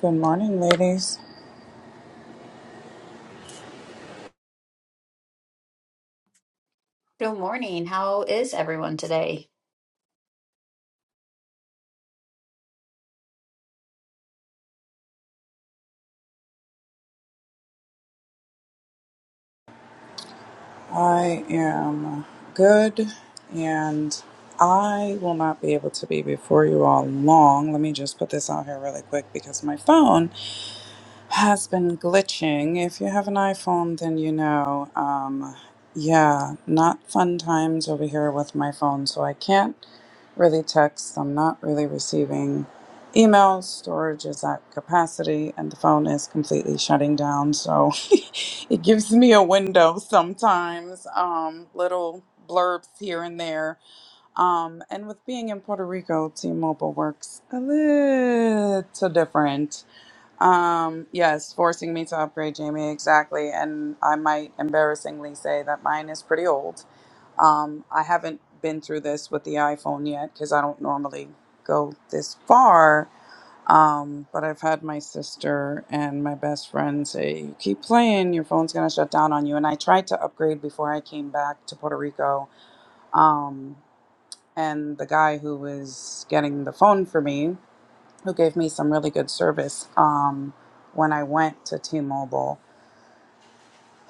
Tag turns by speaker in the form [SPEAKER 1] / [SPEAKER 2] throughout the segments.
[SPEAKER 1] Good morning, ladies.
[SPEAKER 2] Good morning. How is everyone today?
[SPEAKER 1] I am good and I will not be able to be before you all long. Let me just put this out here really quick because my phone has been glitching. If you have an iPhone, then you know. Um, yeah, not fun times over here with my phone, so I can't really text. I'm not really receiving emails. Storage is at capacity, and the phone is completely shutting down. So it gives me a window sometimes, um, little blurbs here and there. Um, and with being in Puerto Rico, T Mobile works a little different um, yes, forcing me to upgrade, Jamie, exactly. And I might embarrassingly say that mine is pretty old. Um, I haven't been through this with the iPhone yet because I don't normally go this far. Um, but I've had my sister and my best friend say, "You keep playing, your phone's gonna shut down on you." And I tried to upgrade before I came back to Puerto Rico. Um, and the guy who was getting the phone for me who gave me some really good service um, when I went to T-Mobile.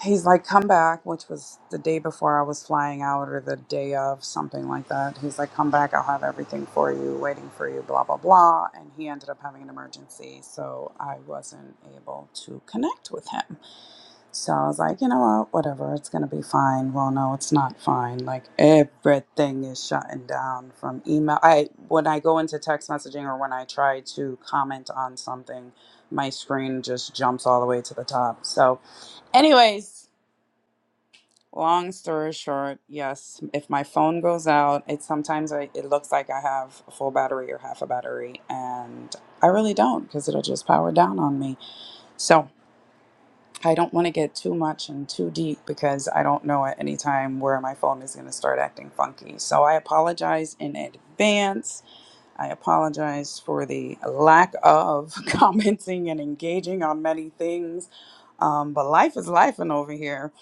[SPEAKER 1] He's like, come back, which was the day before I was flying out or the day of, something like that. He's like, come back, I'll have everything for you, waiting for you, blah, blah, blah. And he ended up having an emergency, so I wasn't able to connect with him. So I was like, you know what, whatever, it's gonna be fine. Well, no, it's not fine. Like everything is shutting down from email. I when I go into text messaging or when I try to comment on something, my screen just jumps all the way to the top. So, anyways, long story short, yes, if my phone goes out, it sometimes I, it looks like I have a full battery or half a battery, and I really don't because it'll just power down on me. So. I don't want to get too much and too deep because I don't know at any time where my phone is going to start acting funky. So I apologize in advance. I apologize for the lack of commenting and engaging on many things. Um, but life is life and over here.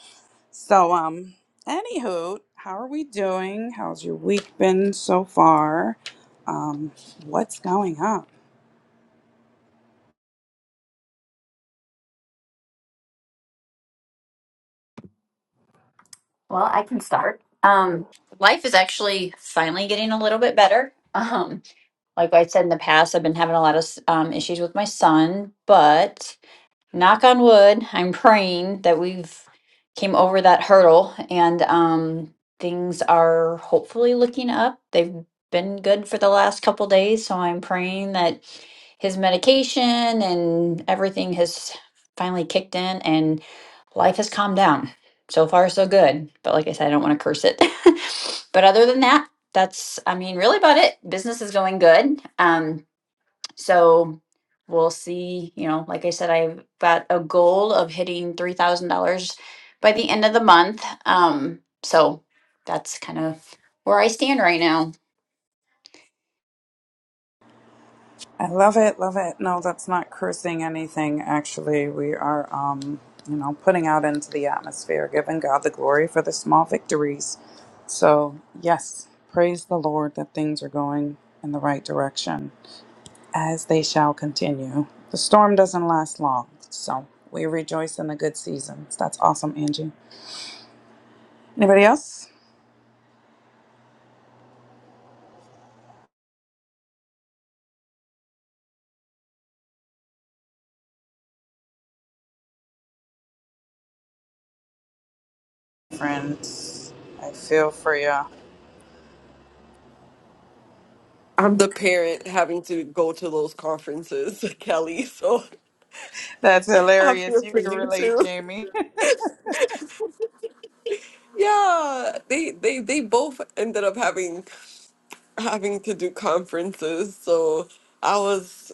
[SPEAKER 1] So um anywho, how are we doing? How's your week been so far? Um, what's going on?
[SPEAKER 2] Well, I can start. Um, life is actually finally getting a little bit better. Um, like I said in the past, I've been having a lot of um, issues with my son, but knock on wood, I'm praying that we've came over that hurdle and um, things are hopefully looking up. They've been good for the last couple days, so I'm praying that his medication and everything has finally kicked in and life has calmed down. So far, so good. But like I said, I don't want to curse it. but other than that, that's, I mean, really about it. Business is going good. Um, so we'll see. You know, like I said, I've got a goal of hitting $3,000 by the end of the month. Um, so that's kind of where I stand right now.
[SPEAKER 1] I love it, love it. No, that's not cursing anything, actually. We are, um, you know, putting out into the atmosphere, giving God the glory for the small victories. So, yes, praise the Lord that things are going in the right direction as they shall continue. The storm doesn't last long, so we rejoice in the good seasons. That's awesome, Angie. Anybody else? Friends, I feel for ya.
[SPEAKER 3] I'm the parent having to go to those conferences, Kelly. So
[SPEAKER 1] That's
[SPEAKER 3] I
[SPEAKER 1] hilarious.
[SPEAKER 3] feel
[SPEAKER 1] You
[SPEAKER 3] for
[SPEAKER 1] can
[SPEAKER 3] you
[SPEAKER 1] relate,
[SPEAKER 3] too.
[SPEAKER 1] Jamie.
[SPEAKER 3] Yeah, they they they both ended up having having to do conferences. So I was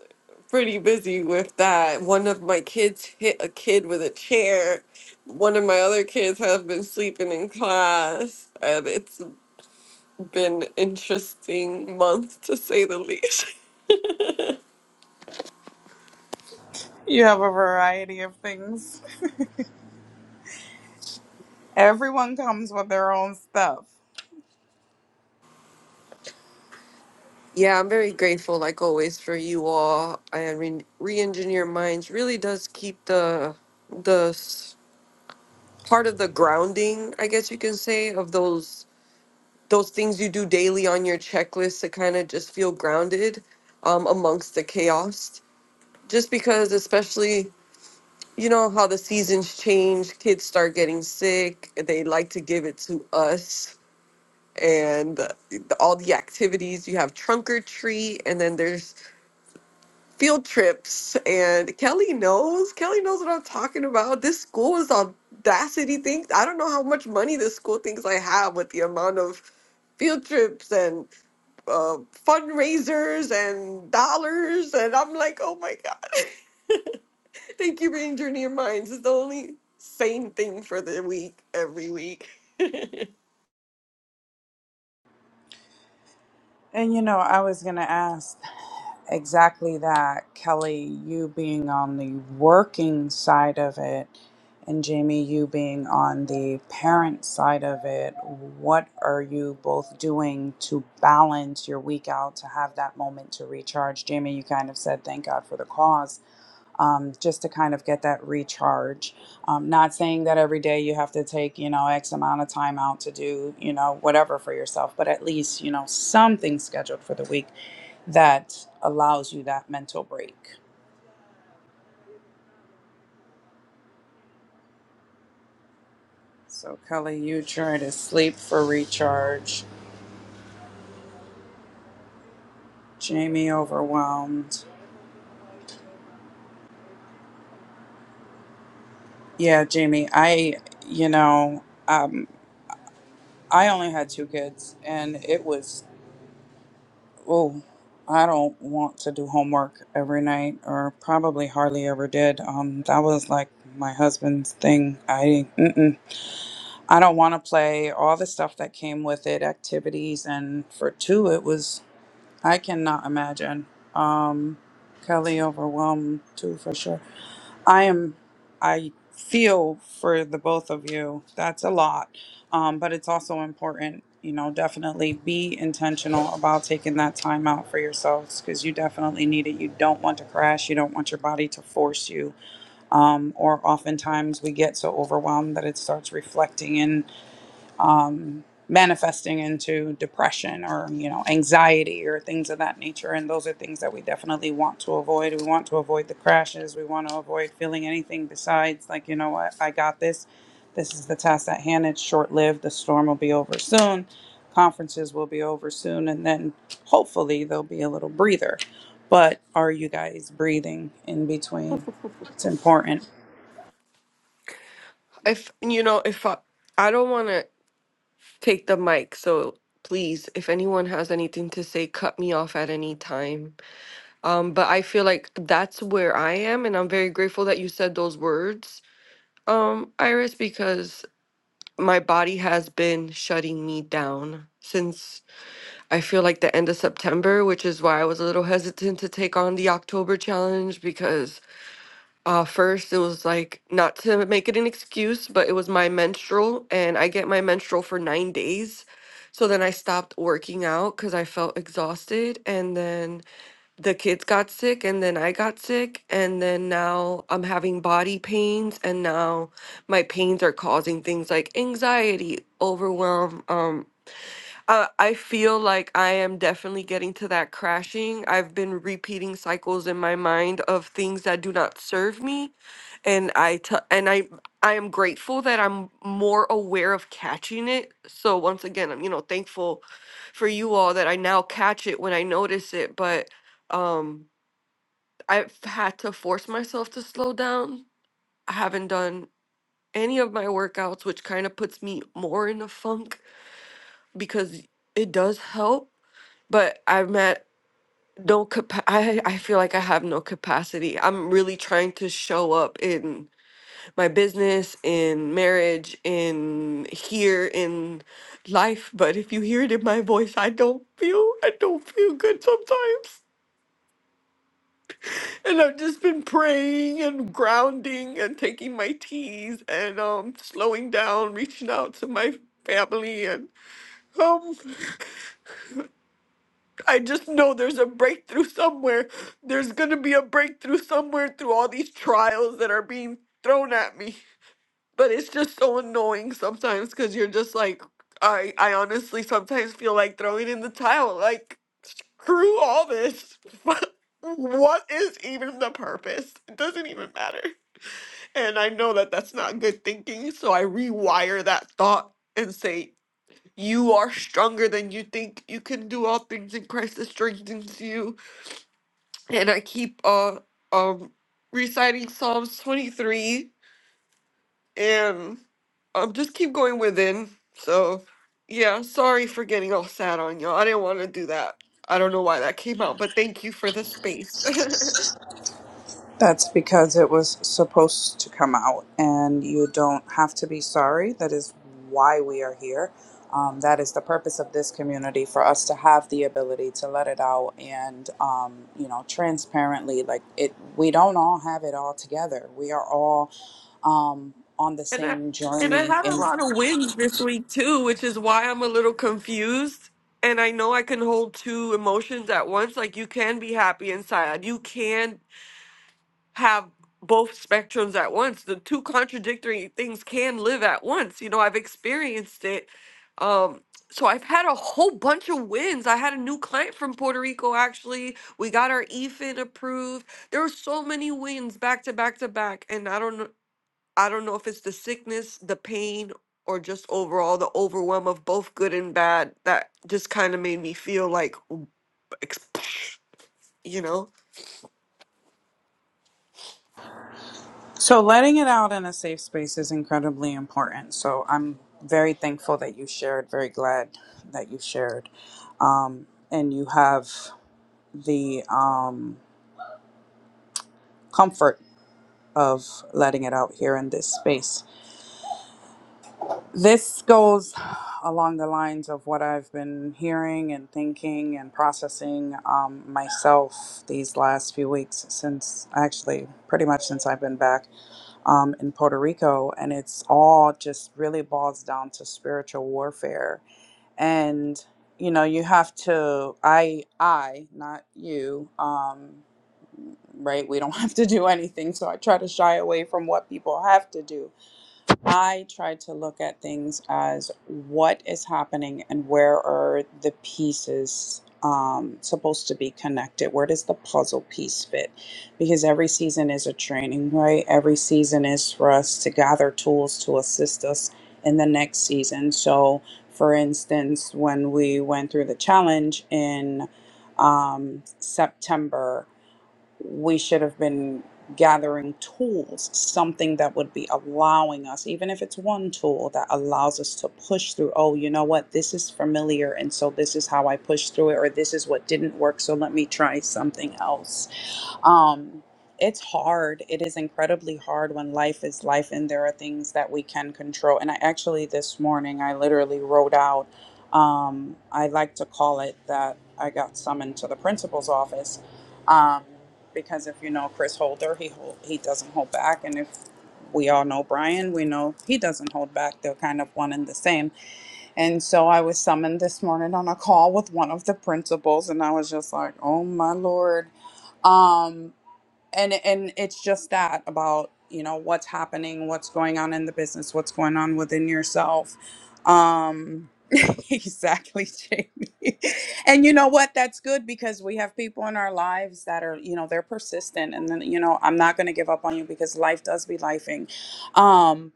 [SPEAKER 3] pretty busy with that. One of my kids hit a kid with a chair. One of my other kids have been sleeping in class, and it's been interesting month to say the least.
[SPEAKER 1] You have a variety of things. Everyone comes with their own stuff.
[SPEAKER 3] Yeah, I'm very grateful, like always, for you all. And re- re-engineer minds really does keep the the s- part of the grounding, I guess you can say, of those those things you do daily on your checklist to kind of just feel grounded um, amongst the chaos. Just because, especially, you know how the seasons change, kids start getting sick. They like to give it to us, and uh, all the activities. You have trunk or treat, and then there's field trips and Kelly knows Kelly knows what I'm talking about. This school is audacity things. I don't know how much money this school thinks I have with the amount of field trips and uh, fundraisers and dollars and I'm like, oh my god, thank you for injuring your minds. It's the only sane thing for the week every week.
[SPEAKER 1] And you know, I was going to ask exactly that, Kelly, you being on the working side of it, and Jamie, you being on the parent side of it, what are you both doing to balance your week out to have that moment to recharge? Jamie, you kind of said, thank God for the cause um, just to kind of get that recharge. Um, not saying that every day you have to take, you know, X amount of time out to do, you know, whatever for yourself, but at least, you know, something scheduled for the week that allows you that mental break. So, Kelly, you try to sleep for recharge. Jamie, overwhelmed. Yeah, Jamie, I, you know, um, I only had two kids and it was Oh, I don't want to do homework every night, or probably hardly ever did. Um, that was like my husband's thing. I mm-mm. I don't want to play all the stuff that came with it, activities, and for two, it was I cannot imagine. Um, Kelly overwhelmed too for sure. I am, I feel for the both of you. That's a lot. Um, but it's also important, you know, definitely be intentional about taking that time out for yourselves because you definitely need it. You don't want to crash. You don't want your body to force you. Um, or oftentimes we get so overwhelmed that it starts reflecting in um, manifesting into depression or you know anxiety or things of that nature and those are things that we definitely want to avoid we want to avoid the crashes we want to avoid feeling anything besides like you know what i got this this is the task at hand it's short lived the storm will be over soon conferences will be over soon and then hopefully there'll be a little breather but are you guys breathing in between it's important
[SPEAKER 3] If you know, if I, I don't want to take the mic, so please, if anyone has anything to say, cut me off at any time. Um, but I feel like that's where I am, and I'm very grateful that you said those words, um, Iris, because my body has been shutting me down since I feel like the end of September, which is why I was a little hesitant to take on the October challenge because uh, first it was like not to make it an excuse, but it was my menstrual, and I get my menstrual for nine days. So then I stopped working out because I felt exhausted, and then the kids got sick and then I got sick and then now I'm having body pains and now my pains are causing things like anxiety, overwhelm, um uh, I feel like I am definitely getting to that crashing. I've been repeating cycles in my mind of things that do not serve me, and I t- and I I am grateful that I'm more aware of catching it. So once again, I'm you know thankful for you all that I now catch it when I notice it. But um, I've had to force myself to slow down. I haven't done any of my workouts, which kind of puts me more in a funk because it does help but I'm at no capa- I I feel like I have no capacity. I'm really trying to show up in my business, in marriage, in here, in life. But if you hear it in my voice, I don't feel I don't feel good sometimes. And I've just been praying and grounding and taking my teas and um slowing down, reaching out to my family and um I just know there's a breakthrough somewhere. There's going to be a breakthrough somewhere through all these trials that are being thrown at me. But it's just so annoying sometimes cuz you're just like I I honestly sometimes feel like throwing in the towel like screw all this. what what is even the purpose? It doesn't even matter. And I know that that's not good thinking, so I rewire that thought and say you are stronger than you think. You can do all things in Christ that strengthens you. And I keep uh um reciting Psalms 23 and um just keep going within. So yeah, sorry for getting all sad on y'all. I didn't want to do that. I don't know why that came out, but thank you for the space.
[SPEAKER 1] That's because it was supposed to come out, and you don't have to be sorry. That is why we are here. Um, that is the purpose of this community for us to have the ability to let it out and, um, you know, transparently. Like it, we don't all have it all together. We are all um, on the
[SPEAKER 3] And I
[SPEAKER 1] same
[SPEAKER 3] and I
[SPEAKER 1] journey.
[SPEAKER 3] had a
[SPEAKER 1] In
[SPEAKER 3] lot of wins this week too, which is why I'm a little confused. And I know I can hold two emotions at once. Like you can be happy and sad. You can have both spectrums at once. The two contradictory things can live at once. You know, I've experienced it. Um, so I've had a whole bunch of wins. I had a new client from Puerto Rico actually. We got our EFIN approved. There were so many wins back to back to back. And I don't know I don't know if it's the sickness, the pain, or just overall the overwhelm of both good and bad that just kind of made me feel like, w- ex- you know?
[SPEAKER 1] So, letting it out in a safe space is incredibly important. So, I'm very thankful that you shared, very glad that you shared. Um, and you have the um, comfort of letting it out here in this space. This goes along the lines of what I've been hearing and thinking and processing um, myself these last few weeks, since actually pretty much since I've been back. um, in Puerto Rico, and it's all just really boils down to spiritual warfare. And you know, you have to. I, I, not you. Um, right? We don't have to do anything, so I try to shy away from what people have to do I try to look at things as what is happening and where are the pieces um, supposed to be connected? Where does the puzzle piece fit? Because every season is a training, right? Every season is for us to gather tools to assist us in the next season. So, for instance, when we went through the challenge in um, September, we should have been gathering tools, something that would be allowing us, even if it's one tool that allows us to push through, oh, you know what, this is familiar. And so this is how I push through it, or this is what didn't work. So let me try something else um it's hard it is incredibly hard when life is life and there are things that we can control and i actually this morning i literally wrote out um i like to call it that i got summoned to the principal's office um because if you know chris holder he hol- he doesn't hold back and if we all know brian we know he doesn't hold back they're kind of one and the same and so i was summoned this morning on a call with one of the principals and i was just like oh my lord um and and it's just that about you know what's happening what's going on in the business what's going on within yourself um exactly jamie and you know what that's good because we have people in our lives that are you know they're persistent and then you know i'm not going to give up on you because life does be lifing Um,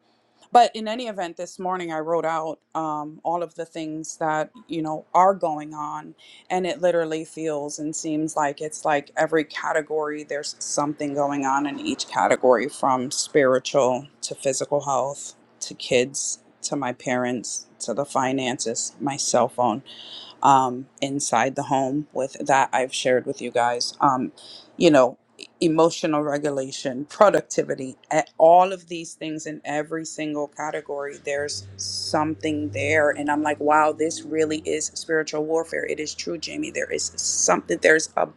[SPEAKER 1] but in any event this morning i wrote out um, all of the things that you know are going on and it literally feels and seems like it's like every category there's something going on in each category from spiritual to physical health to kids to my parents to the finances my cell phone um, inside the home with that I've shared with you guys. Um, you know, emotional regulation, productivity, a- all of these things in every single category, there's something there. And I'm like, wow, this really is spiritual warfare. It is true, Jamie. There is something, there's a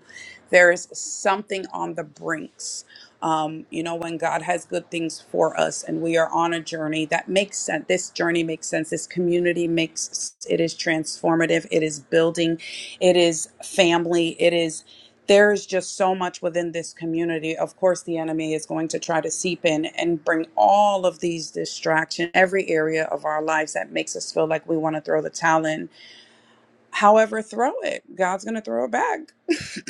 [SPEAKER 1] there is something on the brinks um, you know, when God has good things for us and we are on a journey that makes sense. This journey makes sense. This community makes it is transformative. It is building. It is family. It is. There is just so much within this community. Of course, the enemy is going to try to seep in and bring all of these distractions, every area of our lives that makes us feel like we want to throw the towel in. However, throw it. God's going to throw it back.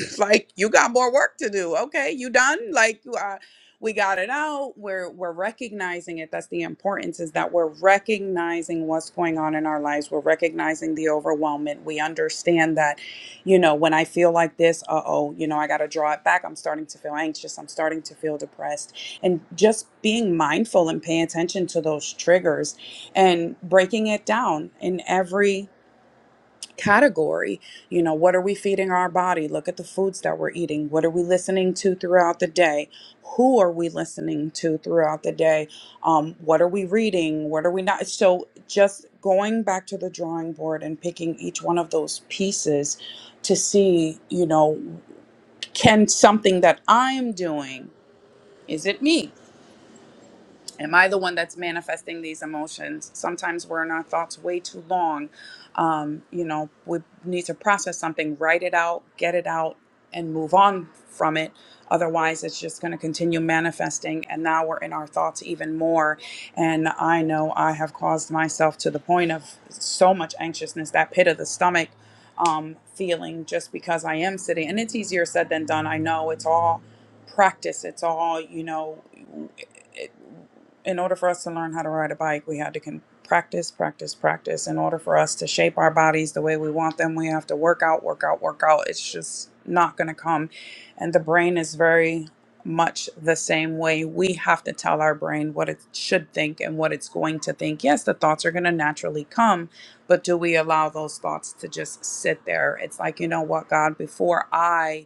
[SPEAKER 1] like you got more work to do. Okay, you done? Like you are. We got it out. We're we're recognizing it. That's the importance is that we're recognizing what's going on in our lives. We're recognizing the overwhelmment. We understand that, you know, when I feel like this, uh oh, you know, I got to draw it back. I'm starting to feel anxious. I'm starting to feel depressed, and just being mindful and paying attention to those triggers and breaking it down in every category. You know, what are we feeding our body? Look at the foods that we're eating. What are we listening to throughout the day? Who are we listening to throughout the day? Um, what are we reading? What are we not? So, just going back to the drawing board and picking each one of those pieces to see, you know, can something that I'm doing, is it me? am i the one that's manifesting these emotions sometimes we're in our thoughts way too long um, you know we need to process something write it out get it out and move on from it otherwise it's just going to continue manifesting and now we're in our thoughts even more and i know i have caused myself to the point of so much anxiousness that pit of the stomach um, feeling just because i am sitting and it's easier said than done i know it's all practice it's all you know in order for us to learn how to ride a bike, we had to con- practice, practice, practice. In order for us to shape our bodies the way we want them, we have to work out, work out, work out. It's just not going to come. And the brain is very much the same way. We have to tell our brain what it should think and what it's going to think. Yes, the thoughts are going to naturally come, but do we allow those thoughts to just sit there? It's like, you know what, God, before I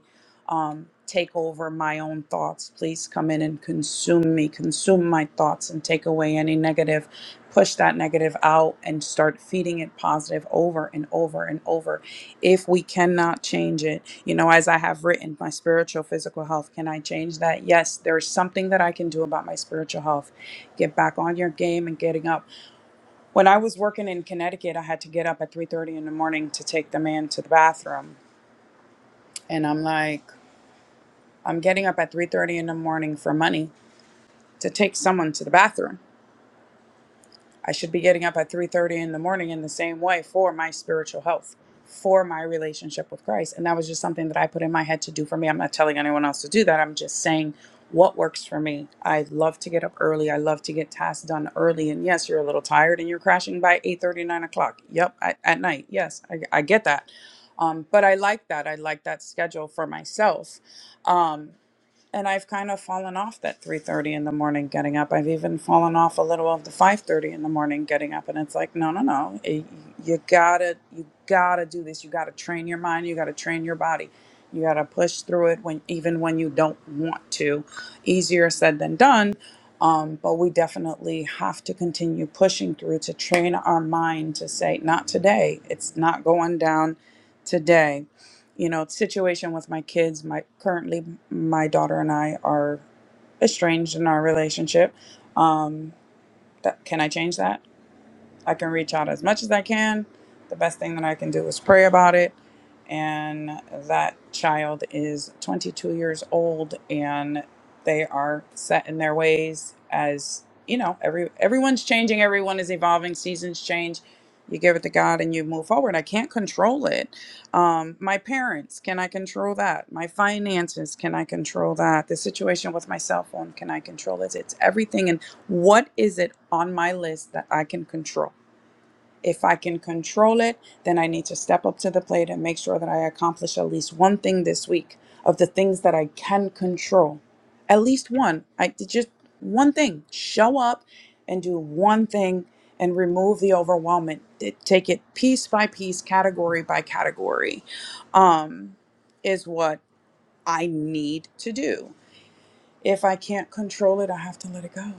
[SPEAKER 1] um, take over my own thoughts. Please come in and consume me, consume my thoughts, and take away any negative. Push that negative out and start feeding it positive over and over and over. If we cannot change it, you know, as I have written, my spiritual, physical health, can I change that? Yes, there's something that I can do about my spiritual health. Get back on your game and getting up. When I was working in Connecticut, I had to get up at 3:30 in the morning to take the man to the bathroom. And I'm like, I'm getting up at 3:30 in the morning for money to take someone to the bathroom. I should be getting up at 3:30 in the morning in the same way for my spiritual health, for my relationship with Christ. And that was just something that I put in my head to do for me. I'm not telling anyone else to do that. I'm just saying what works for me. I love to get up early. I love to get tasks done early. And yes, you're a little tired and you're crashing by eight thirty, nine o'clock. Yep, at, at night. Yes, I, I get that. Um, but I like that. I like that schedule for myself. Um, and I've kind of fallen off that 3:30 in the morning getting up. I've even fallen off a little of the 5:30 in the morning getting up and it's like, no, no, no. Eh, You got to you got to do this. You got to train your mind, you got to train your body. You got to push through it when even when you don't want to. Easier said than done. Um, but we definitely have to continue pushing through to train our mind to say, not today. It's not going down today you know situation with my kids my currently my daughter and i are estranged in our relationship um that, can i change that I can reach out as much as I can. The best thing that I can do is pray about it. And that child is 22 years old and they are set in their ways as you know every everyone's changing everyone is evolving seasons change you give it to god and you move forward i can't control it um, my parents can i control that my finances can i control that the situation with my cell phone can i control it it's everything and what is it on my list that i can control if I can control it, then I need to step up to the plate and make sure that I accomplish at least one thing this week of the things that I can control. At least one. I just one thing. Show up and do one thing and remove the overwhelmment. T- Take it piece by piece, category by category, um, is what I need to do if I can't control it, I have to let it go.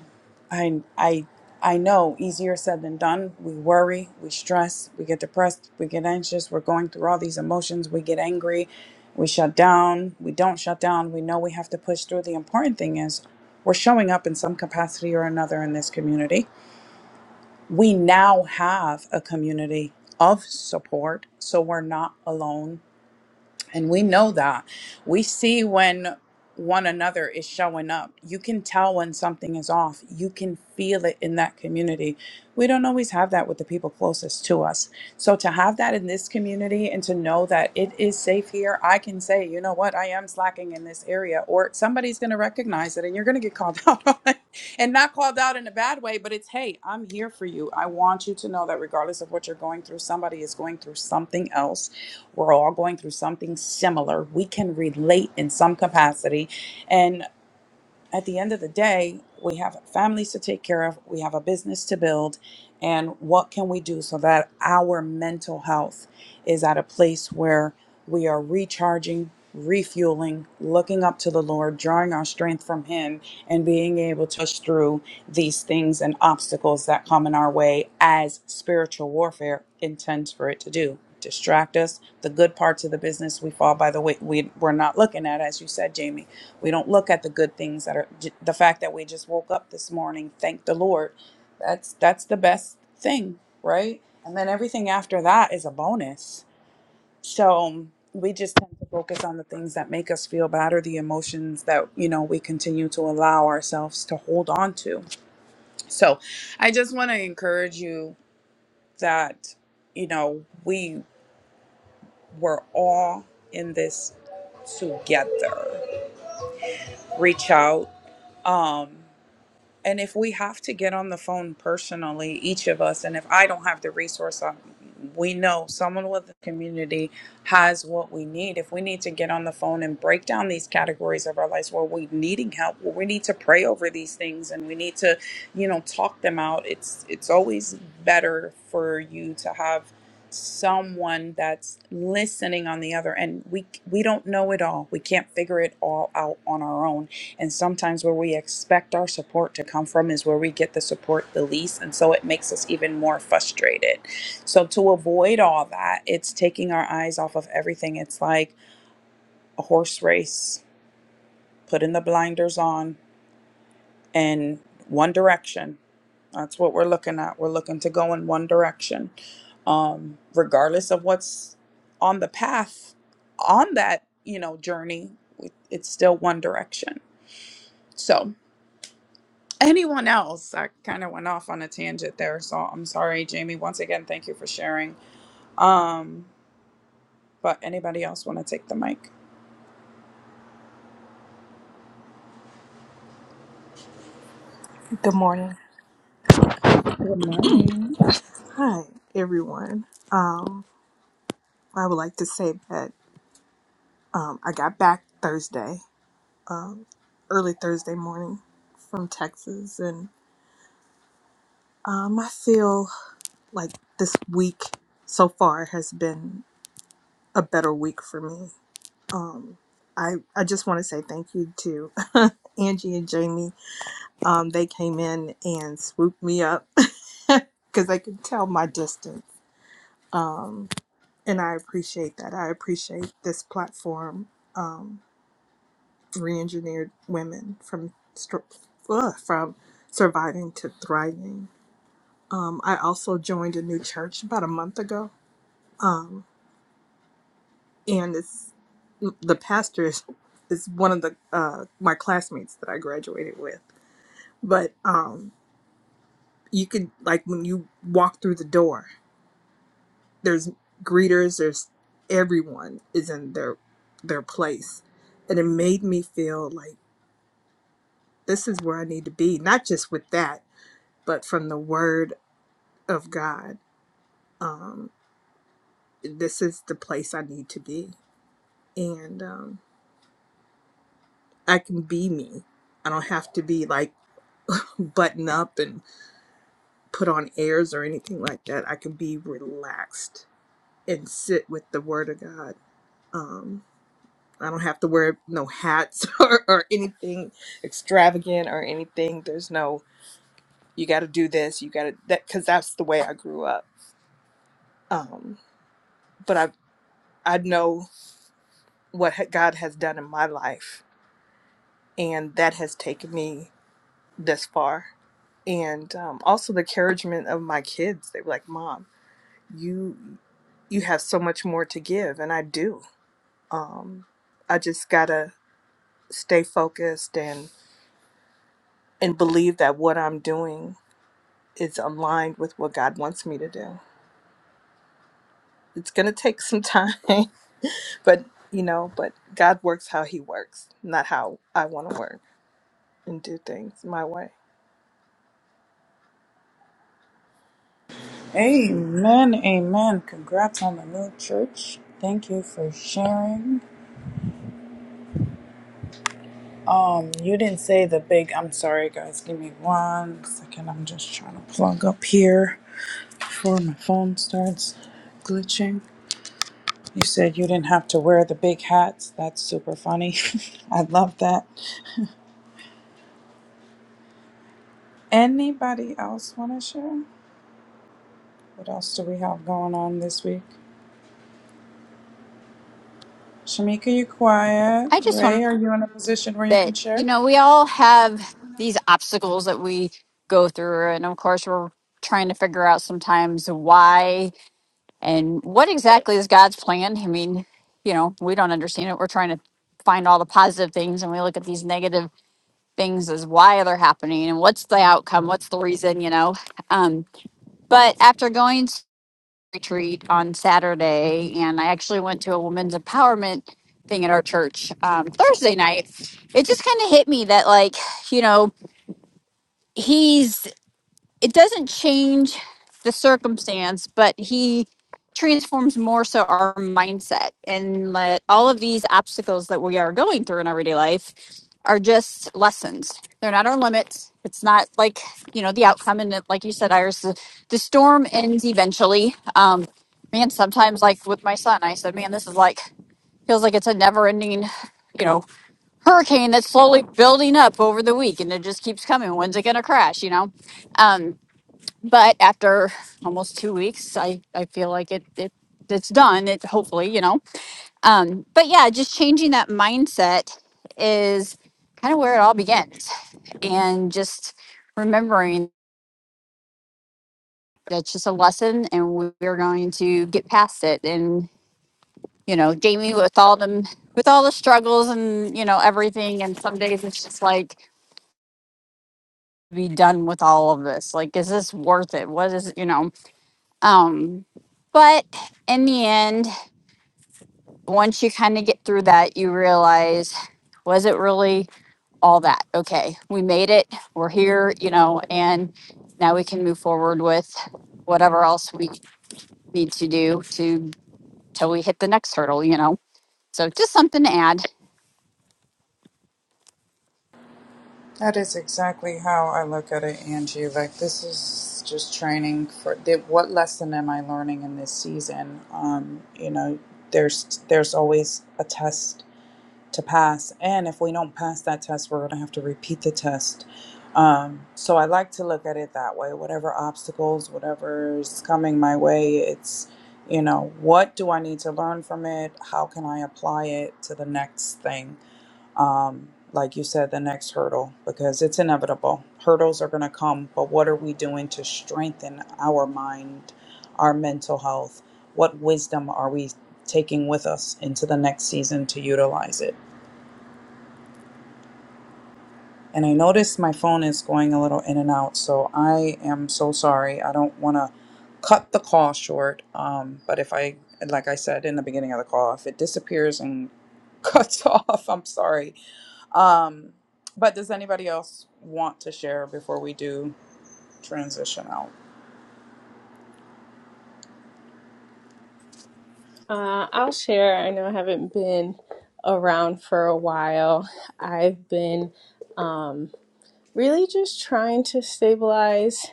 [SPEAKER 1] I I I know easier said than done. We worry, we stress, we get depressed, we get anxious, we're going through all these emotions, we get angry, we shut down, we don't shut down, we know we have to push through. The important thing is we're showing up in some capacity or another in this community. We now have a community of support, so we're not alone and we know that. We see when one another is showing up. You can tell when something is off. You can feel it in that community. We don't always have that with the people closest to us. So to have that in this community and to know that it is safe here, I can say, you know what, I am slacking in this area, or somebody's going to recognize it and you're going to get called out and not called out in a bad way, but it's hey, I'm here for you. I want you to know that regardless of what you're going through, somebody is going through something else. We're all going through something similar. We can relate in some capacity. And at the end of the day, we have families to take care of, we have a business to build, and what can we do so that our mental health is at a place where we are recharging, refueling, looking up to the Lord, drawing our strength from Him, and being able to push through these things and obstacles that come in our way as spiritual warfare intends for it to do distract us. The good parts of the business we fall by the way we we're not looking at, as you said, Jamie. We don't look at the good things that are j- the fact that we just woke up this morning. Thank the Lord. That's that's the best thing, right? And then everything after that is a bonus. So um, we just tend to focus on the things that make us feel bad or the emotions that you know we continue to allow ourselves to hold on to. So I just want to encourage you that you know we we're all in this together. Reach out. Um, and if we have to get on the phone personally, each of us, and if I don't have the resource, um, we know someone with the community has what we need. If we need to get on the phone and break down these categories of our lives where we're needing help, where we need to pray over these things and we need to, you know, talk them out, it's it's always better for you to have someone that's listening on the other end. We we don't know it all. We can't figure it all out on our own and sometimes where we expect our support to come from is where we get the support the least. And so it makes us even more frustrated. So to avoid all that, it's taking our eyes off of everything. It's like a horse race, putting the blinders on and one direction. That's what we're looking at. We're looking to go in one direction. Um, regardless of what's on the path on that, you know, journey, it's still one direction. So, anyone else i kind of went off on a tangent there so i'm sorry jamie once again thank you for sharing um but anybody else want to take the mic
[SPEAKER 4] Good morning.
[SPEAKER 1] good morning
[SPEAKER 4] Hi, everyone. Um, I would like to say that um, I got back Thursday, early Thursday morning from Texas, and um, I feel like this week so far has been a better week for me. Um, I, I just want to say thank you to Angie and Jamie. Um, they came in and swooped me up because they could tell my distance. Um, and I appreciate that. I appreciate this platform. Um, re-engineered women from str- ugh, from surviving to thriving. Um, I also joined a new church about a month ago, um, and it's the pastor is, is one of the uh, my classmates that I graduated with. But um, you could like when you walk through the door, there's greeters, there's everyone is in their their place, and it made me feel like this is where I need to be, not just with that, but from the word of God. Um, this is the place I need to be. And um, I can be me. I don't have to be like button up and put on airs or anything like that. I can be relaxed and sit with the Word of God. Um, I don't have to wear no hats or, or anything extravagant or anything. There's no, you got to do this, you got to, that, because that's the way I grew up. Um, but I, I know what ha- God has done in my life and that has taken me this far and um, also the encouragement of my kids they were like mom you you have so much more to give and i do um, i just gotta stay focused and and believe that what i'm doing is aligned with what god wants me to do it's gonna take some time but you know but god works how he works not how i want to work and do things my way
[SPEAKER 1] amen amen congrats on the new church thank you for sharing um you didn't say the big i'm sorry guys give me one second i'm just trying to plug up here before my phone starts glitching you said you didn't have to wear the big hats that's super funny i love that Anybody else want to share? What else do we have going on this week? Shamika, you quiet.
[SPEAKER 2] I just want
[SPEAKER 1] Ray, are you in a position where you can
[SPEAKER 2] that, you
[SPEAKER 1] share?
[SPEAKER 2] know, we all have these obstacles that we go through. And of course, we're trying to figure out sometimes why And what exactly is God's plan? I mean, you know, we don't understand it. We're trying to find all the positive things and we look at these negative things as why they're happening and what's the outcome, what's the reason, you know. Um, but after going to retreat on Saturday, and I actually went to a women's empowerment thing at our church um, Thursday night, it just kind of hit me that, like, you know, it doesn't change the circumstance, but he transforms more so our mindset and let all of these obstacles that we are going through in everyday life are just lessons. They're not our limits. It's not like, you know, the outcome. And it- like you said, Iris, the, the storm ends eventually. Um, man, sometimes like with my son, I said, man, this is like, feels like it's a never ending, you know, hurricane that's slowly building up over the week and it just keeps coming. When's it going to crash? You know? Um, but after almost two weeks i i feel like it, it it's done it hopefully you know um but yeah just changing that mindset is kind of where it all begins and just remembering that's just a lesson and we- we're going to get past it and you know jamie with all them with all the struggles and you know everything and some days it's just like be done with all of this like is this worth it what is you know um but in the end once you kind of get through that, you realize, was it really all that? Okay, we made it. We're here, you know, and now we can move forward with whatever else we need to do to till we hit the next hurdle, you know. So just something to add.
[SPEAKER 1] That is exactly how I look at it, Angie. Like this is just training for the, what lesson am I learning in this season? Um, you know, there's there's always a test to pass. And if we don't pass that test, we're going to have to repeat the test. Um, so I like to look at it that way. Whatever obstacles, whatever's coming my way, it's, you know, what do I need to learn from it? How can I apply it to the next thing? Um, like you said, the next hurdle, because it's inevitable. Hurdles are going to come, but what are we doing to strengthen our mind, our mental health? What wisdom are we taking with us into the next season to utilize it? And I notice my phone is going a little in and out, so I am so sorry. I don't want to cut the call short. Um, but if I, like I said in the beginning of the call, if it disappears and cuts off, I'm sorry. Um, but does anybody else want to share before we do transition out?
[SPEAKER 5] Uh, I'll share. I know I haven't been around for a while. I've been um, really just trying to stabilize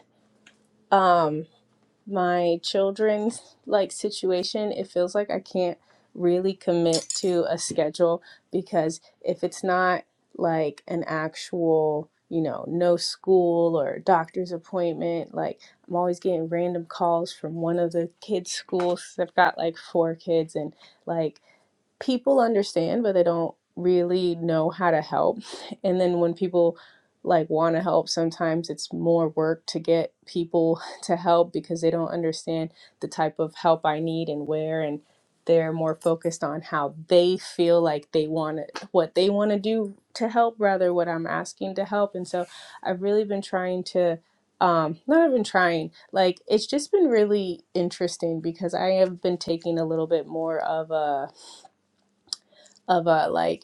[SPEAKER 5] my children's like situation. It feels like I can't really commit to a schedule because if it's not like an actual, you know, no school or doctor's appointment, like I'm always getting random calls from one of the kids' schools. 'Cause I've got like four kids and like people understand but they don't really know how to help and then when people like want to help sometimes it's more work to get people to help because they don't understand the type of help I need and where and they're more focused on how they feel like they want it, what they want to do to help rather what I'm asking to help and so I've really been trying to um not even trying like it's just been really interesting because I have been taking a little bit more of a of a like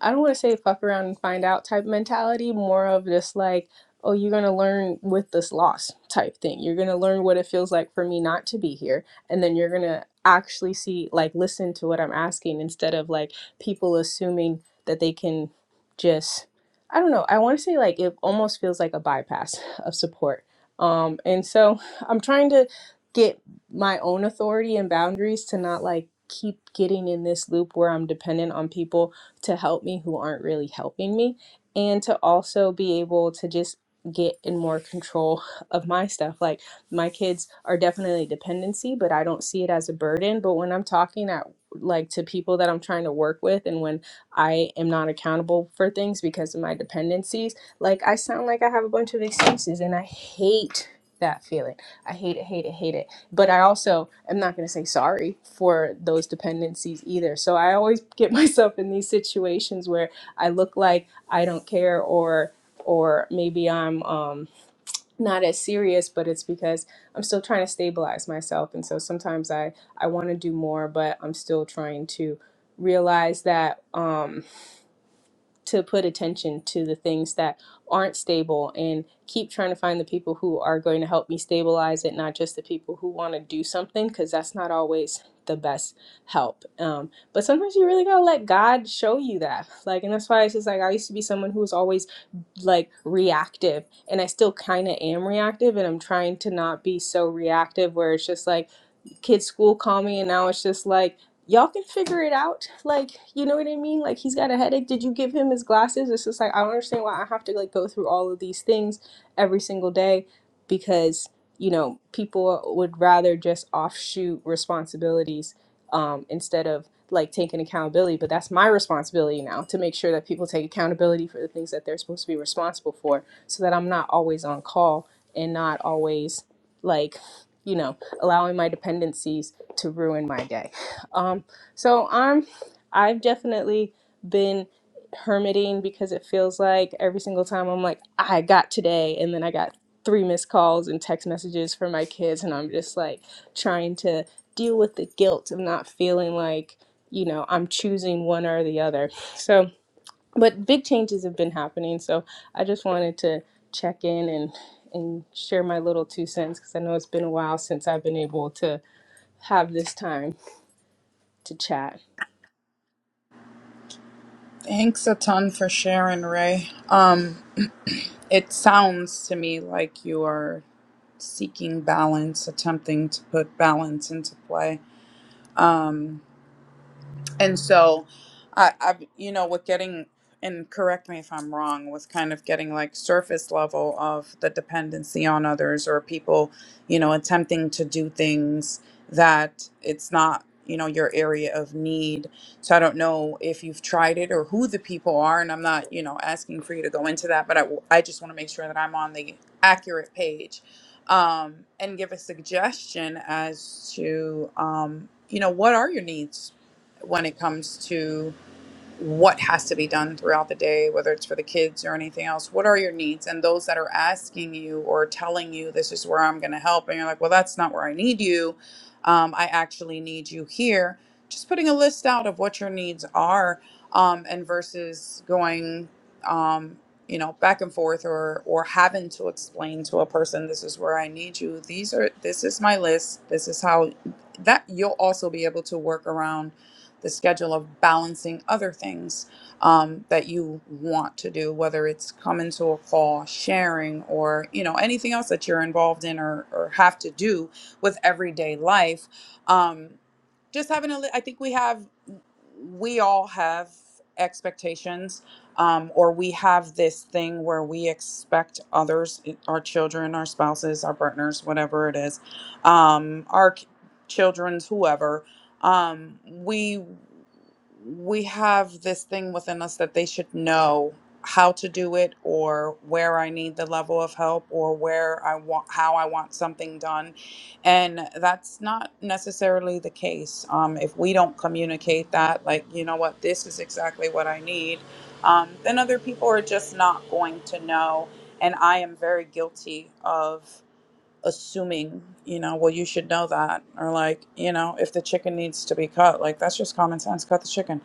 [SPEAKER 5] I don't want to say fuck around and find out type mentality, more of just like, oh, you're going to learn with this loss type thing. You're going to learn what it feels like for me not to be here. And then you're going to actually see, like, listen to what I'm asking instead of like people assuming that they can just, I don't know. I want to say like it almost feels like a bypass of support. Um, and so I'm trying to get my own authority and boundaries to not like keep getting in this loop where I'm dependent on people to help me who aren't really helping me, and to also be able to just get in more control of my stuff. Like my kids are definitely a dependency, but I don't see it as a burden. But when I'm talking at like to people that I'm trying to work with and when I am not accountable for things because of my dependencies, like I sound like I have a bunch of excuses and I hate that feeling. I hate it, hate it, hate it but I also am not going to say sorry for those dependencies either. So I always get myself in these situations where I look like I don't care or or maybe I'm um, not as serious, but it's because I'm still trying to stabilize myself. And so sometimes I, I want to do more, but I'm still trying to realize that. Um, to put attention to the things that aren't stable and keep trying to find the people who are going to help me stabilize it, not just the people who want to do something, because that's not always the best help. Um, but sometimes you really gotta let God show you that. Like, and that's why it's just like I used to be someone who was always like reactive, and I still kind of am reactive, and I'm trying to not be so reactive where it's just like, kids school call me and now it's just like y'all can figure it out like you know what i mean like he's got a headache did you give him his glasses it's just like i don't understand why i have to like go through all of these things every single day because you know people would rather just offshoot responsibilities um, instead of like taking accountability but that's my responsibility now to make sure that people take accountability for the things that they're supposed to be responsible for so that i'm not always on call and not always like you know allowing my dependencies to ruin my day. Um, so I'm, I've definitely been hermiting because it feels like every single time I'm like, I got today, and then I got three missed calls and text messages from my kids, and I'm just like trying to deal with the guilt of not feeling like, you know, I'm choosing one or the other. So but big changes have been happening so i just wanted to check in and and share my little two cents because i know it's been a while since i've been able to have this time to chat
[SPEAKER 1] Thanks a ton for sharing, Ray. Um, it sounds to me like you are seeking balance, attempting to put balance into play. Um, And so I, I you know, with getting and correct me if I'm wrong, with kind of getting like surface level of the dependency on others or people, you know, attempting to do things that it's not, you know, your area of need. So I don't know if you've tried it or who the people are. And I'm not, you know, asking for you to go into that, but I, I just want to make sure that I'm on the accurate page um, and give a suggestion as to, um, you know, what are your needs? when it comes to what has to be done throughout the day, whether it's for the kids or anything else. What are your needs? And those that are asking you or telling you, this is where I'm going to help, and you're like, well, that's not where I need you. Um, I actually need you here. Just putting a list out of what your needs are, um, and versus going, um, you know, back and forth or or having to explain to a person, this is where I need you. These are this is my list. This is how that you'll also be able to work around the schedule of balancing other things um, that you want to do, whether it's coming to a call, sharing, or you know anything else that you're involved in or, or have to do with everyday life. Um, just having a li- i think we have we all have expectations um, or we have this thing where we expect others eh, our children our spouses our partners whatever it is um, our k- children's whoever um, we we have this thing within us that they should know how to do it or where i need the level of help or where i want how i want something done and that's not necessarily the case. Um, if we don't communicate that, like, you know what, this is exactly what I need, um, then other people are just not going to know. And I am very guilty of assuming, you know, well, you should know that. Or like, you know, if the chicken needs to be cut, like, that's just common sense, cut the chicken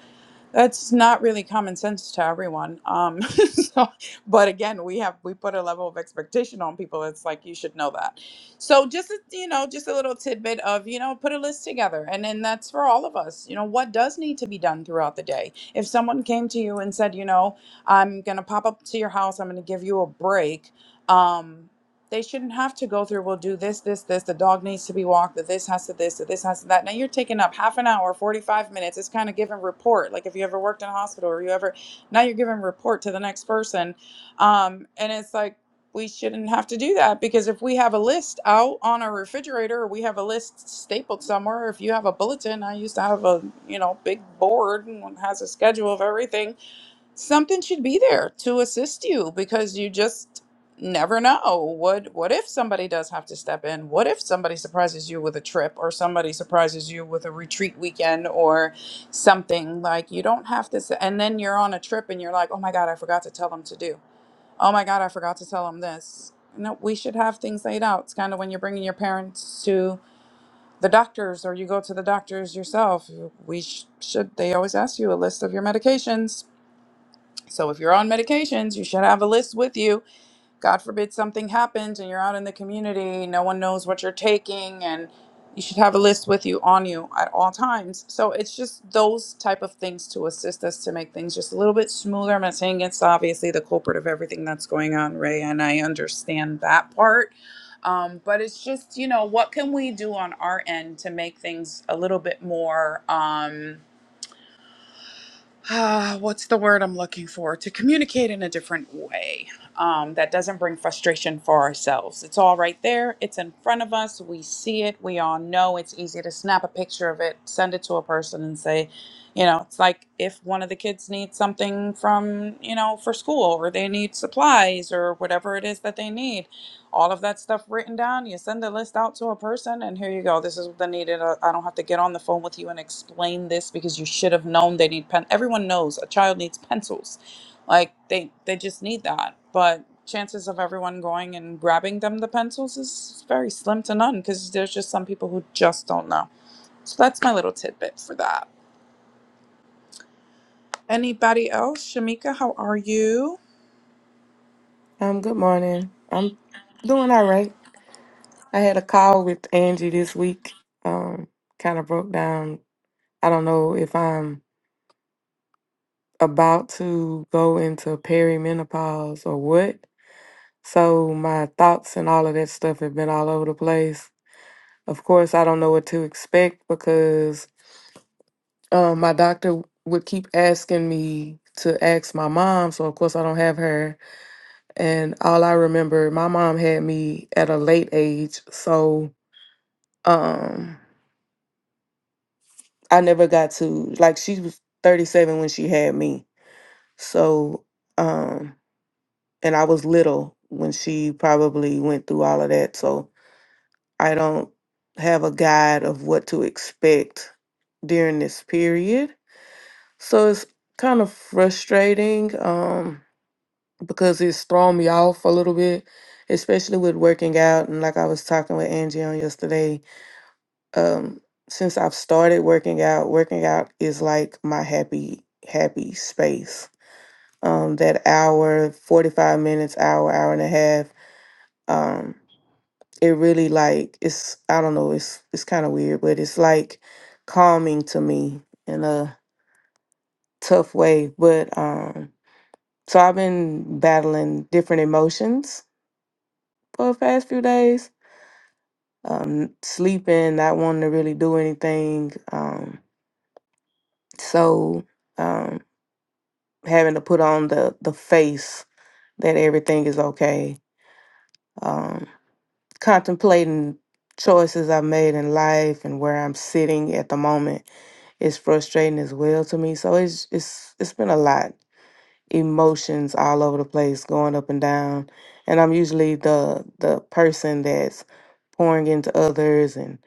[SPEAKER 1] that's not really common sense to everyone. Um, so, but again, we have we put a level of expectation on people. It's like you should know that. So just a- you know, just a little tidbit of you know, put a list together, and then that's for all of us. You know, what does need to be done throughout the day? If someone came to you and said, you know, I'm gonna pop up to your house, I'm gonna give you a break. Um, they shouldn't have to go through well do this this this the dog needs to be walked that this has to this that this has to that now you're taking up half an hour 45 minutes it's kind of giving report like if you ever worked in a hospital or you ever now you're giving report to the next person um, and it's like we shouldn't have to do that because if we have a list out on our refrigerator or we have a list stapled somewhere or if you have a bulletin i used to have a you know big board and it has a schedule of everything something should be there to assist you because you just never know what what if somebody does have to step in what if somebody surprises you with a trip or somebody surprises you with a retreat weekend or something like you don't have to s and then you're on a trip and you're like oh my god i forgot to tell them to do oh my god i forgot to tell them this no we should have things laid out it's kind of when you're bringing your parents to the doctors or you go to the doctors yourself we sh- should they always ask you a list of your medications so if you're on medications, you should have a list with you. God forbid something happens and you're out in the community, no one knows what you're taking and you should have a list with you on you at all times. So it's just those type of things to assist us to make things just a little bit smoother. I'm not saying it's obviously the culprit of everything that's going on, Ray, and I understand that part. Um, but it's just, you know, what can we do on our end to make things a little bit more um, ah, what's the word I'm looking for? To communicate in a different way um, that doesn't bring frustration for ourselves. It's all right there. It's in front of us. We see it. We all know it's easy to snap a picture of it, send it to a person, and say, you know, it's like if one of the kids needs something from, you know, for school or they need supplies or whatever it is that they need all of that stuff written down. You send the list out to a person, and here you go. This is what they needed. I I don't have to get on the phone with you and explain this because you should have known they need pen. Everyone knows a child needs pencils, like they they just need that. But chances of everyone going and grabbing them the pencils is very slim to none because there's just some people who just don't know. So that's my little tidbit for that. Anybody else? Shamika, how are you?
[SPEAKER 6] Um, good morning. I'm doing all right. I had a call with Angie this week. Um, kind of broke down. I don't know if I'm about to go into perimenopause or what. So my thoughts and all of that stuff have been all over the place. Of course, I don't know what to expect because um, my doctor would keep asking me to ask my mom. So of course, I don't have her. And all I remember, my mom had me at a late age. So um i never got to like she was 37 when she had me so um and i was little when she probably went through all of that so i don't have a guide of what to expect during this period so it's kind of frustrating um because it's thrown me off a little bit especially with working out and like i was talking with angie on yesterday um since I've started working out, working out is like my happy happy space. Um that hour, 45 minutes, hour, hour and a half, um it really like it's I don't know, it's it's kind of weird, but it's like calming to me in a tough way, but um so I've been battling different emotions for the past few days. Um sleeping, not wanting to really do anything. Um so Um, having to put on the the face that everything is okay um contemplating choices i've made in life and where i'm sitting at the moment is frustrating as well to me so it's it's it's been a lot emotions all over the place going up and down and i'm usually the the person that's pouring into others and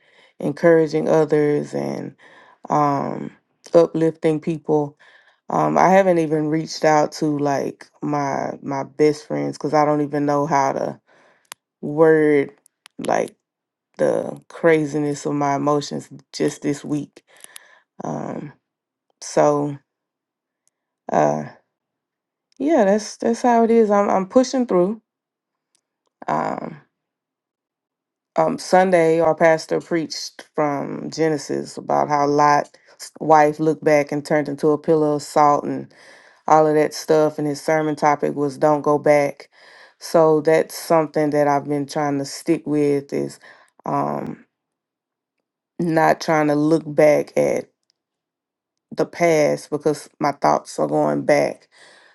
[SPEAKER 6] encouraging others and um uplifting people um, I haven't even reached out to like my my best friends because I don't even know how to word like the craziness of my emotions just this week. Um, so uh, yeah, that's that's how it is. I'm I'm pushing through. Um, um, Sunday, our pastor preached from Genesis about how Lot's wife looked back and turned into a pillar of salt, and. all of that stuff. And his sermon topic was don't go back. So that's something that I've been trying to stick with is um, not trying to look back at the past because my thoughts are going back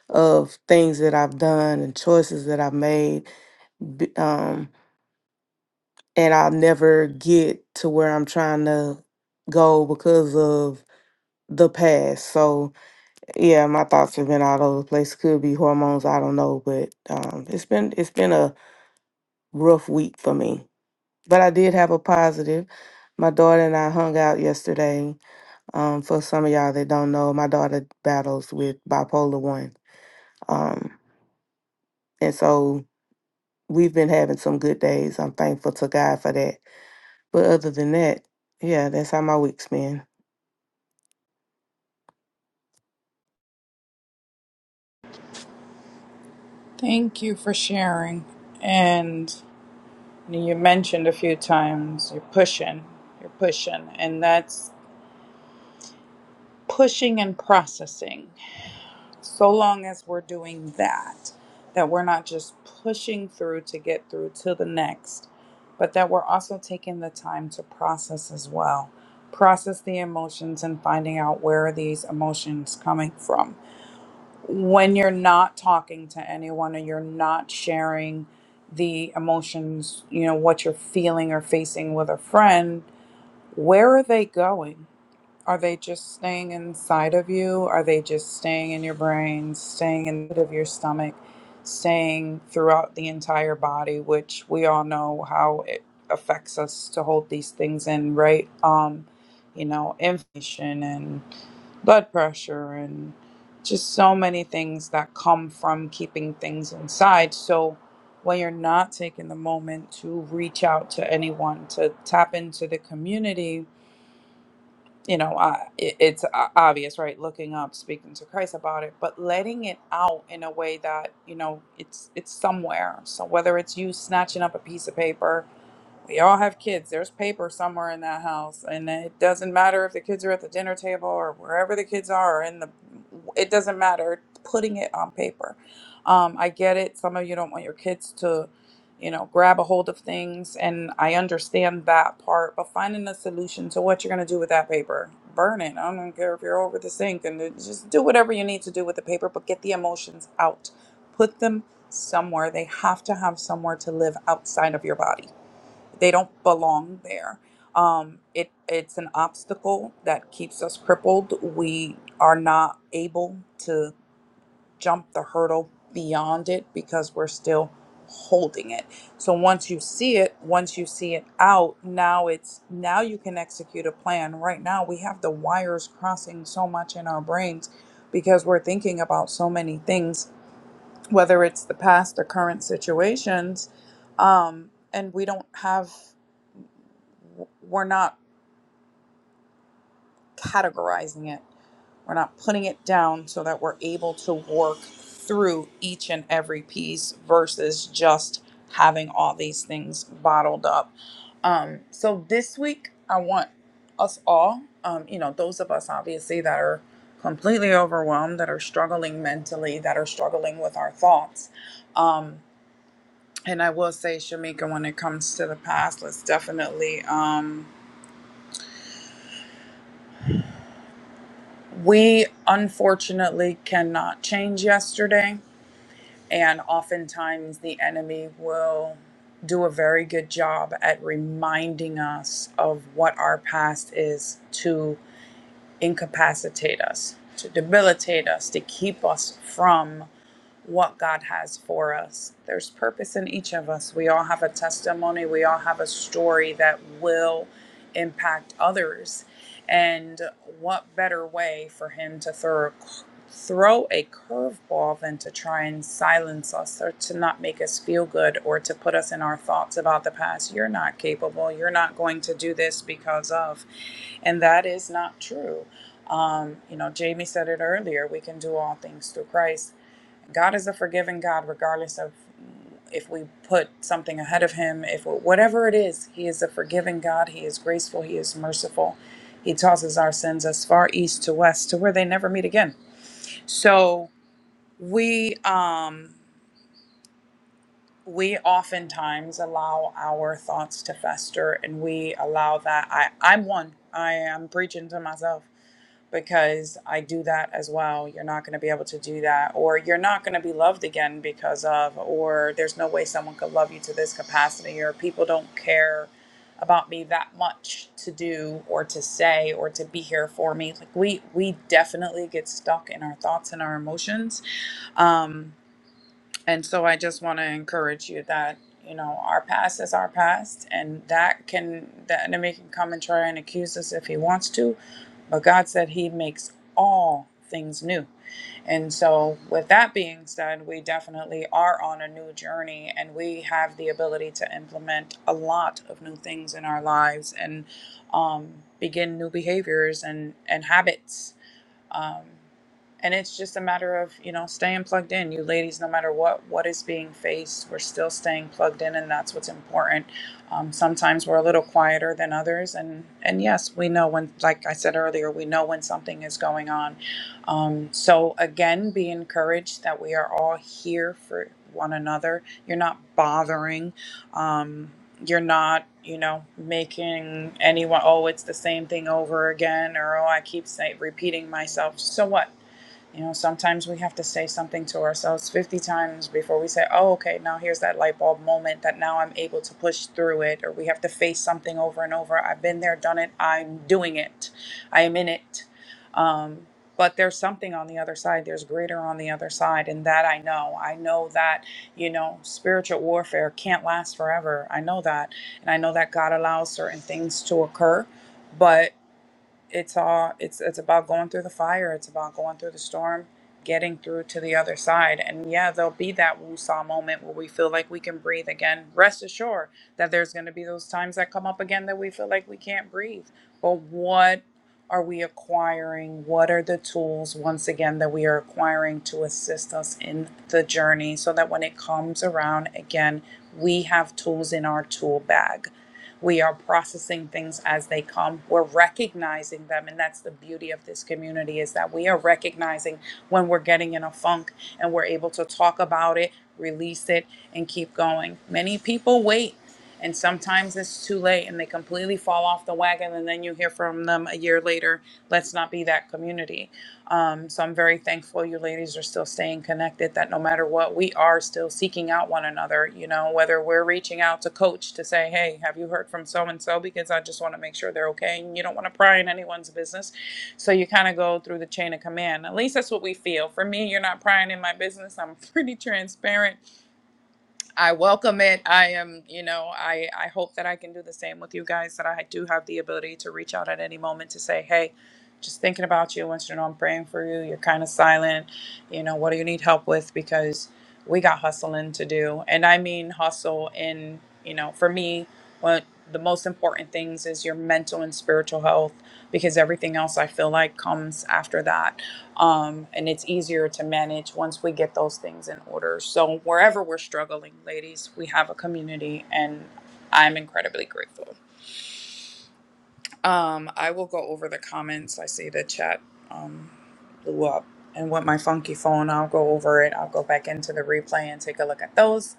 [SPEAKER 6] of things that I've done and choices that I've made. B- Um, and I'll never get to where I'm trying to go because of the past. So yeah, my thoughts have been all over the place. Could be hormones, I don't know, but um, it's been it's been a rough week for me. But I did have a positive. My daughter and I hung out yesterday. Um, for some of y'all that don't know, my daughter battles with bipolar one. Um, and so we've been having some good days. I'm thankful to God for that. But other than that, yeah, that's how my week's been.
[SPEAKER 1] Thank you for sharing. And. You mentioned a few times you're pushing, you're pushing, and that's pushing and processing. So long as we're doing that, that we're not just pushing through to get through to the next, but that we're also taking the time to process as well. Process the emotions and finding out where are these emotions coming from. When you're not talking to anyone or you're not sharing the emotions, you know, what you're feeling or facing with a friend, Where are they going? Are they just staying inside of you? Are they just staying in your brain, staying in of your stomach, staying throughout the entire body, which we all know how it affects us to hold these things in, right? Um, you know, inflammation and blood pressure and just so many things that come from keeping things inside. So when you're not taking the moment to reach out to anyone, to tap into the community, you know, I, it, it's o- obvious, right? Looking up, speaking to Christ about it, but letting it out in a way that you know it's it's somewhere. So whether it's you snatching up a piece of paper we all have kids. There's paper somewhere in that house, and it doesn't matter if the kids are at the dinner table or wherever the kids are. or In the, it doesn't matter. Putting it on paper. Um, I get it. Some of you don't want your kids to, you know, grab a hold of things, and I understand that part. But finding a solution to what you're going to do with that paper, burn it. I don't care if you're over the sink, and it- just do whatever you need to do with the paper. But get the emotions out. Put them somewhere. They have to have somewhere to live outside of your body they don't belong there. Um, it it's an obstacle that keeps us crippled. We are not able to jump the hurdle beyond it because we're still holding it. So once you see it, once you see it out, now it's now you can execute a plan. Right now we have the wires crossing so much in our brains because we're thinking about so many things, whether it's the past or current situations, um, and we don't have we're not categorizing it. We're not putting it down so that we're able to work through each and every piece versus just having all these things bottled up. Um, so this week, I want us all, um, you know, those of us obviously that are completely overwhelmed, that are struggling mentally, that are struggling with our thoughts. Um, and I will say, Shamika, when it comes to the past, let's definitely. Um, We unfortunately cannot change yesterday, and oftentimes the enemy will do a very good job at reminding us of what our past is to incapacitate us, to debilitate us, to keep us from what God has for us. There's purpose in each of us. We all have a testimony, we all have a story that will impact others. And what better way for Him to throw throw a curveball than to try and silence us or to not make us feel good or to put us in our thoughts about the past you're not capable you're not going to do this because of and that is not true um, you know jamie said it earlier we can do all things through christ God is a forgiving God, regardless of if we put something ahead of Him, if whatever it is, He is a forgiving God. He is graceful. He is merciful. He tosses our sins as far east to west to where they never meet again. So we, um, we oftentimes allow our thoughts to fester and we allow that i i'm one i am preaching to myself because i do that as well you're not going to be able to do that or you're not going to be loved again because of or there's no way someone could love you to this capacity or people don't care about me that much to do or to say or to be here for me like we we definitely get stuck in our thoughts and our emotions Um, and so I just want to encourage you that, you know, our past is our past and that can the enemy can come and try and accuse us if he wants to, but God said he makes all things new. And so with that being said, we definitely are on a new journey and we have the ability to implement a lot of new things in our lives and um begin new behaviors and and habits um, and it's just a matter of you know staying plugged in you ladies no matter what what is being faced we're still staying plugged in and that's what's important um, sometimes we're a little quieter than others and and yes we know when like i said earlier we know when something is going on um, so again be encouraged that we are all here for one another you're not bothering um, you're not, you know, making anyone, oh, it's the same thing over again, or oh, I keep say, repeating myself. So what? You know, sometimes we have to say something to ourselves 50 times before we say, oh, okay, now here's that light bulb moment that now I'm able to push through it, or we have to face something over and over. I've been there, done it, I'm doing it, I am in it. Um, but there's something on the other side, there's greater on the other side, and that I know. I know that, you know, spiritual warfare can't last forever. I know that. And I know that God allows certain things to occur, but it's all it's it's about going through the fire it's about going through the storm getting through to the other side and yeah there'll be that woo-saw moment where we feel like we can breathe again rest assured that there's going to be those times that come up again that we feel like we can't breathe but what are we acquiring what are the tools once again that we are acquiring to assist us in the journey so that when it comes around again we have tools in our tool bag we are processing things as they come. We're recognizing them. And that's the beauty of this community is that we are recognizing when we're getting in a funk and we're able to talk about it, release it, and keep going. Many people wait. And sometimes it's too late and they completely fall off the wagon. And then you hear from them a year later, let's not be that community. Um, so I'm very thankful you ladies are still staying connected, that no matter matter what, we are still seeking out one another, you know, whether we're reaching out to coach to say, hey, have you heard from so and so? Because I just want to make sure they're okay. And you don't want to pry in anyone's business. So you kind of go through the chain of command. At least that's what we feel. For me, you're not prying in my business. I'm pretty transparent I welcome it. I am, you know, I, I hope that I can do the same with you guys, that I do have the ability to reach out at any moment to say, hey, just thinking about you. I want you to know I'm praying for you. You're kind of silent. You know, what do you need help with? Because we got hustling to do. And I mean hustle in, you know, for me, one of the most important things is your mental and spiritual health because everything else I feel like comes after that um, and it's easier to manage once we get those things in order. So wherever we're struggling, ladies, we have a community, and I'm incredibly grateful. Um, I will go over the comments. I see the chat um, blew up, and with my funky phone, I'll go over it. I'll go back into the replay and take a look at those.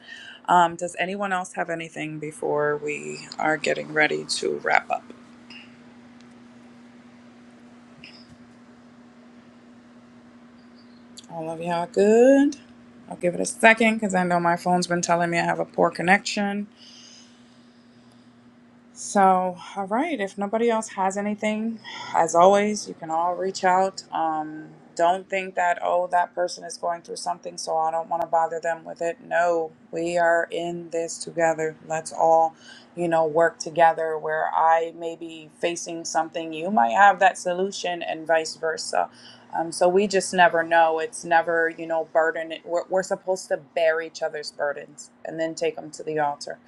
[SPEAKER 1] Um, does anyone else have anything before we are getting ready to wrap up? All of y'all good? I'll give it a second because I know my phone's been telling me I have a poor connection. So, all right, if nobody else has anything, as always, you can all reach out. Um, don't think that, oh, that person is going through something, so I don't want to bother them with it. No, we are in this together. Let's all, you know, work together where I may be facing something, you might have that solution, and vice versa. Um, so we just never know. It's never, you know, burden. We're, we're supposed to bear each other's burdens and then take them to the altar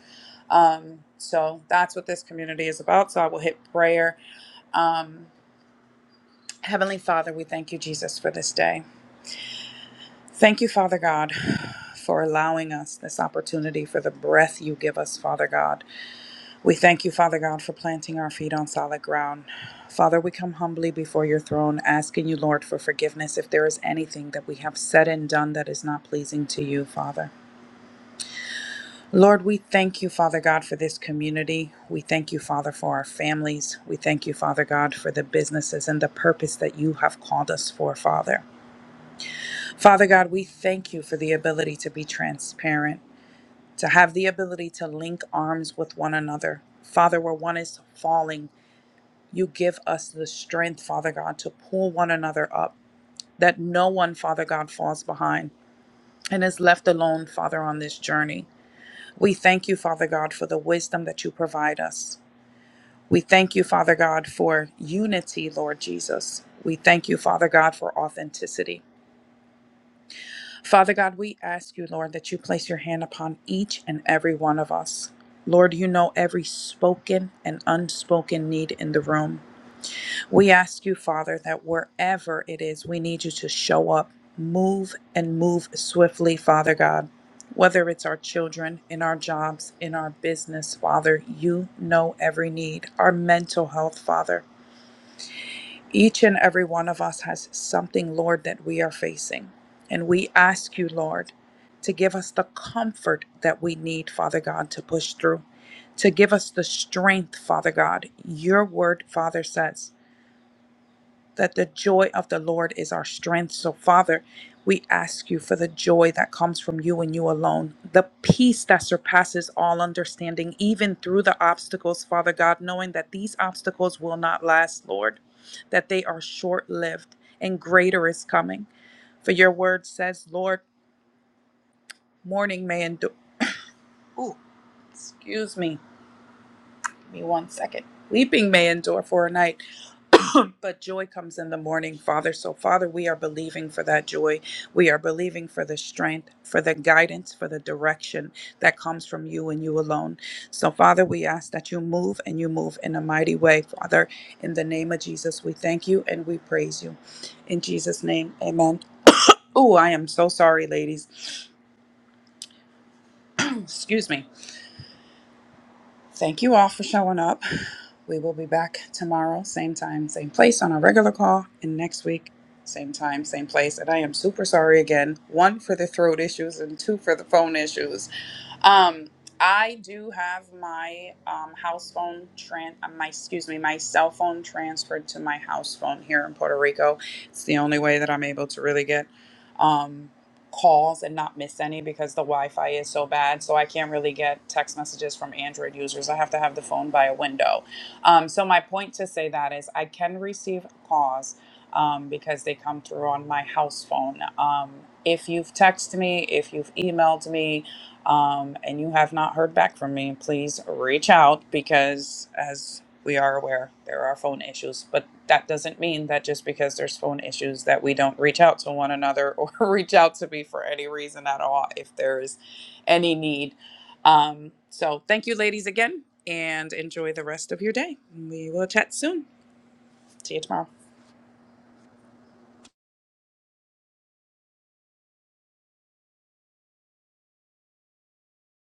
[SPEAKER 1] um, so that's what this community is about. So I will hit prayer. Um, Heavenly Father, we thank you, Jesus, for this day. Thank you, Father God, for allowing us this opportunity for the breath you give us, Father God. We thank you, Father God, for planting our feet on solid ground. Father, we come humbly before your throne, asking you, Lord, for forgiveness if there is anything that we have said and done that is not pleasing to you, Father. Lord, we thank you, Father God, for this community. We thank you, Father, for our families. We thank you, Father God, for the businesses and the purpose that you have called us for, Father. Father God, we thank you for the ability to be transparent, to have the ability to link arms with one another. Father, where one is falling, you give us the strength, Father God, to pull one another up, that no one, Father God, falls behind and is left alone, Father, on this journey. We thank you, Father God, for the wisdom that you provide us. We thank you, Father God, for unity, Lord Jesus. We thank you, Father God, for authenticity. Father God, we ask you, Lord, that you place your hand upon each and every one of us. Lord, you know every spoken and unspoken need in the room. We ask you, Father, that wherever it is, we need you to show up, move, and move swiftly, Father God. Whether it's our children, in our jobs, in our business, Father, you know every need. Our mental health, Father. Each and every one of us has something, Lord, that we are facing. And we ask you, Lord, to give us the comfort that we need, Father God, to push through, to give us the strength, Father God. Your word, Father, says that the joy of the Lord is our strength. So, Father, we ask you for the joy that comes from you and you alone, the peace that surpasses all understanding, even through the obstacles, Father God, knowing that these obstacles will not last, Lord, that they are short lived and greater is coming. For your word says, Lord, morning may endure. Ooh, excuse me. Give me one second. Weeping may endure for a night, but joy comes in the morning, Father. So, Father, we are believing for that joy. We are believing for the strength, for the guidance, for the direction that comes from you and you alone. So, Father, we ask that you move and you move in a mighty way. Father, in the name of Jesus, we thank you and we praise you. In Jesus' name, amen. Oh, I am so sorry, ladies. Excuse me. Thank you all for showing up. We will be back tomorrow, same time, same place on our regular call, and next week, same time, same place. And I am super sorry again one for the throat issues, and two for the phone issues. Um, I do have my um, house phone tran uh, my excuse me my cell phone transferred to my house phone here in Puerto Rico. It's the only way that I'm able to really get um, calls and not miss any because the Wi-Fi is so bad. So I can't really get text messages from Android users. I have to have the phone by a window. Um, so my point to say that is I can receive calls um, because they come through on my house phone. Um, if you've texted me, if you've emailed me, um, and you have not heard back from me, please reach out because, as we are aware, there are phone issues. But that doesn't mean that just because there's phone issues that we don't reach out to one another or reach out to me for any reason at all if there is any need. Um, so, thank you, ladies, again, and enjoy the rest of your day. We will chat soon. See you tomorrow.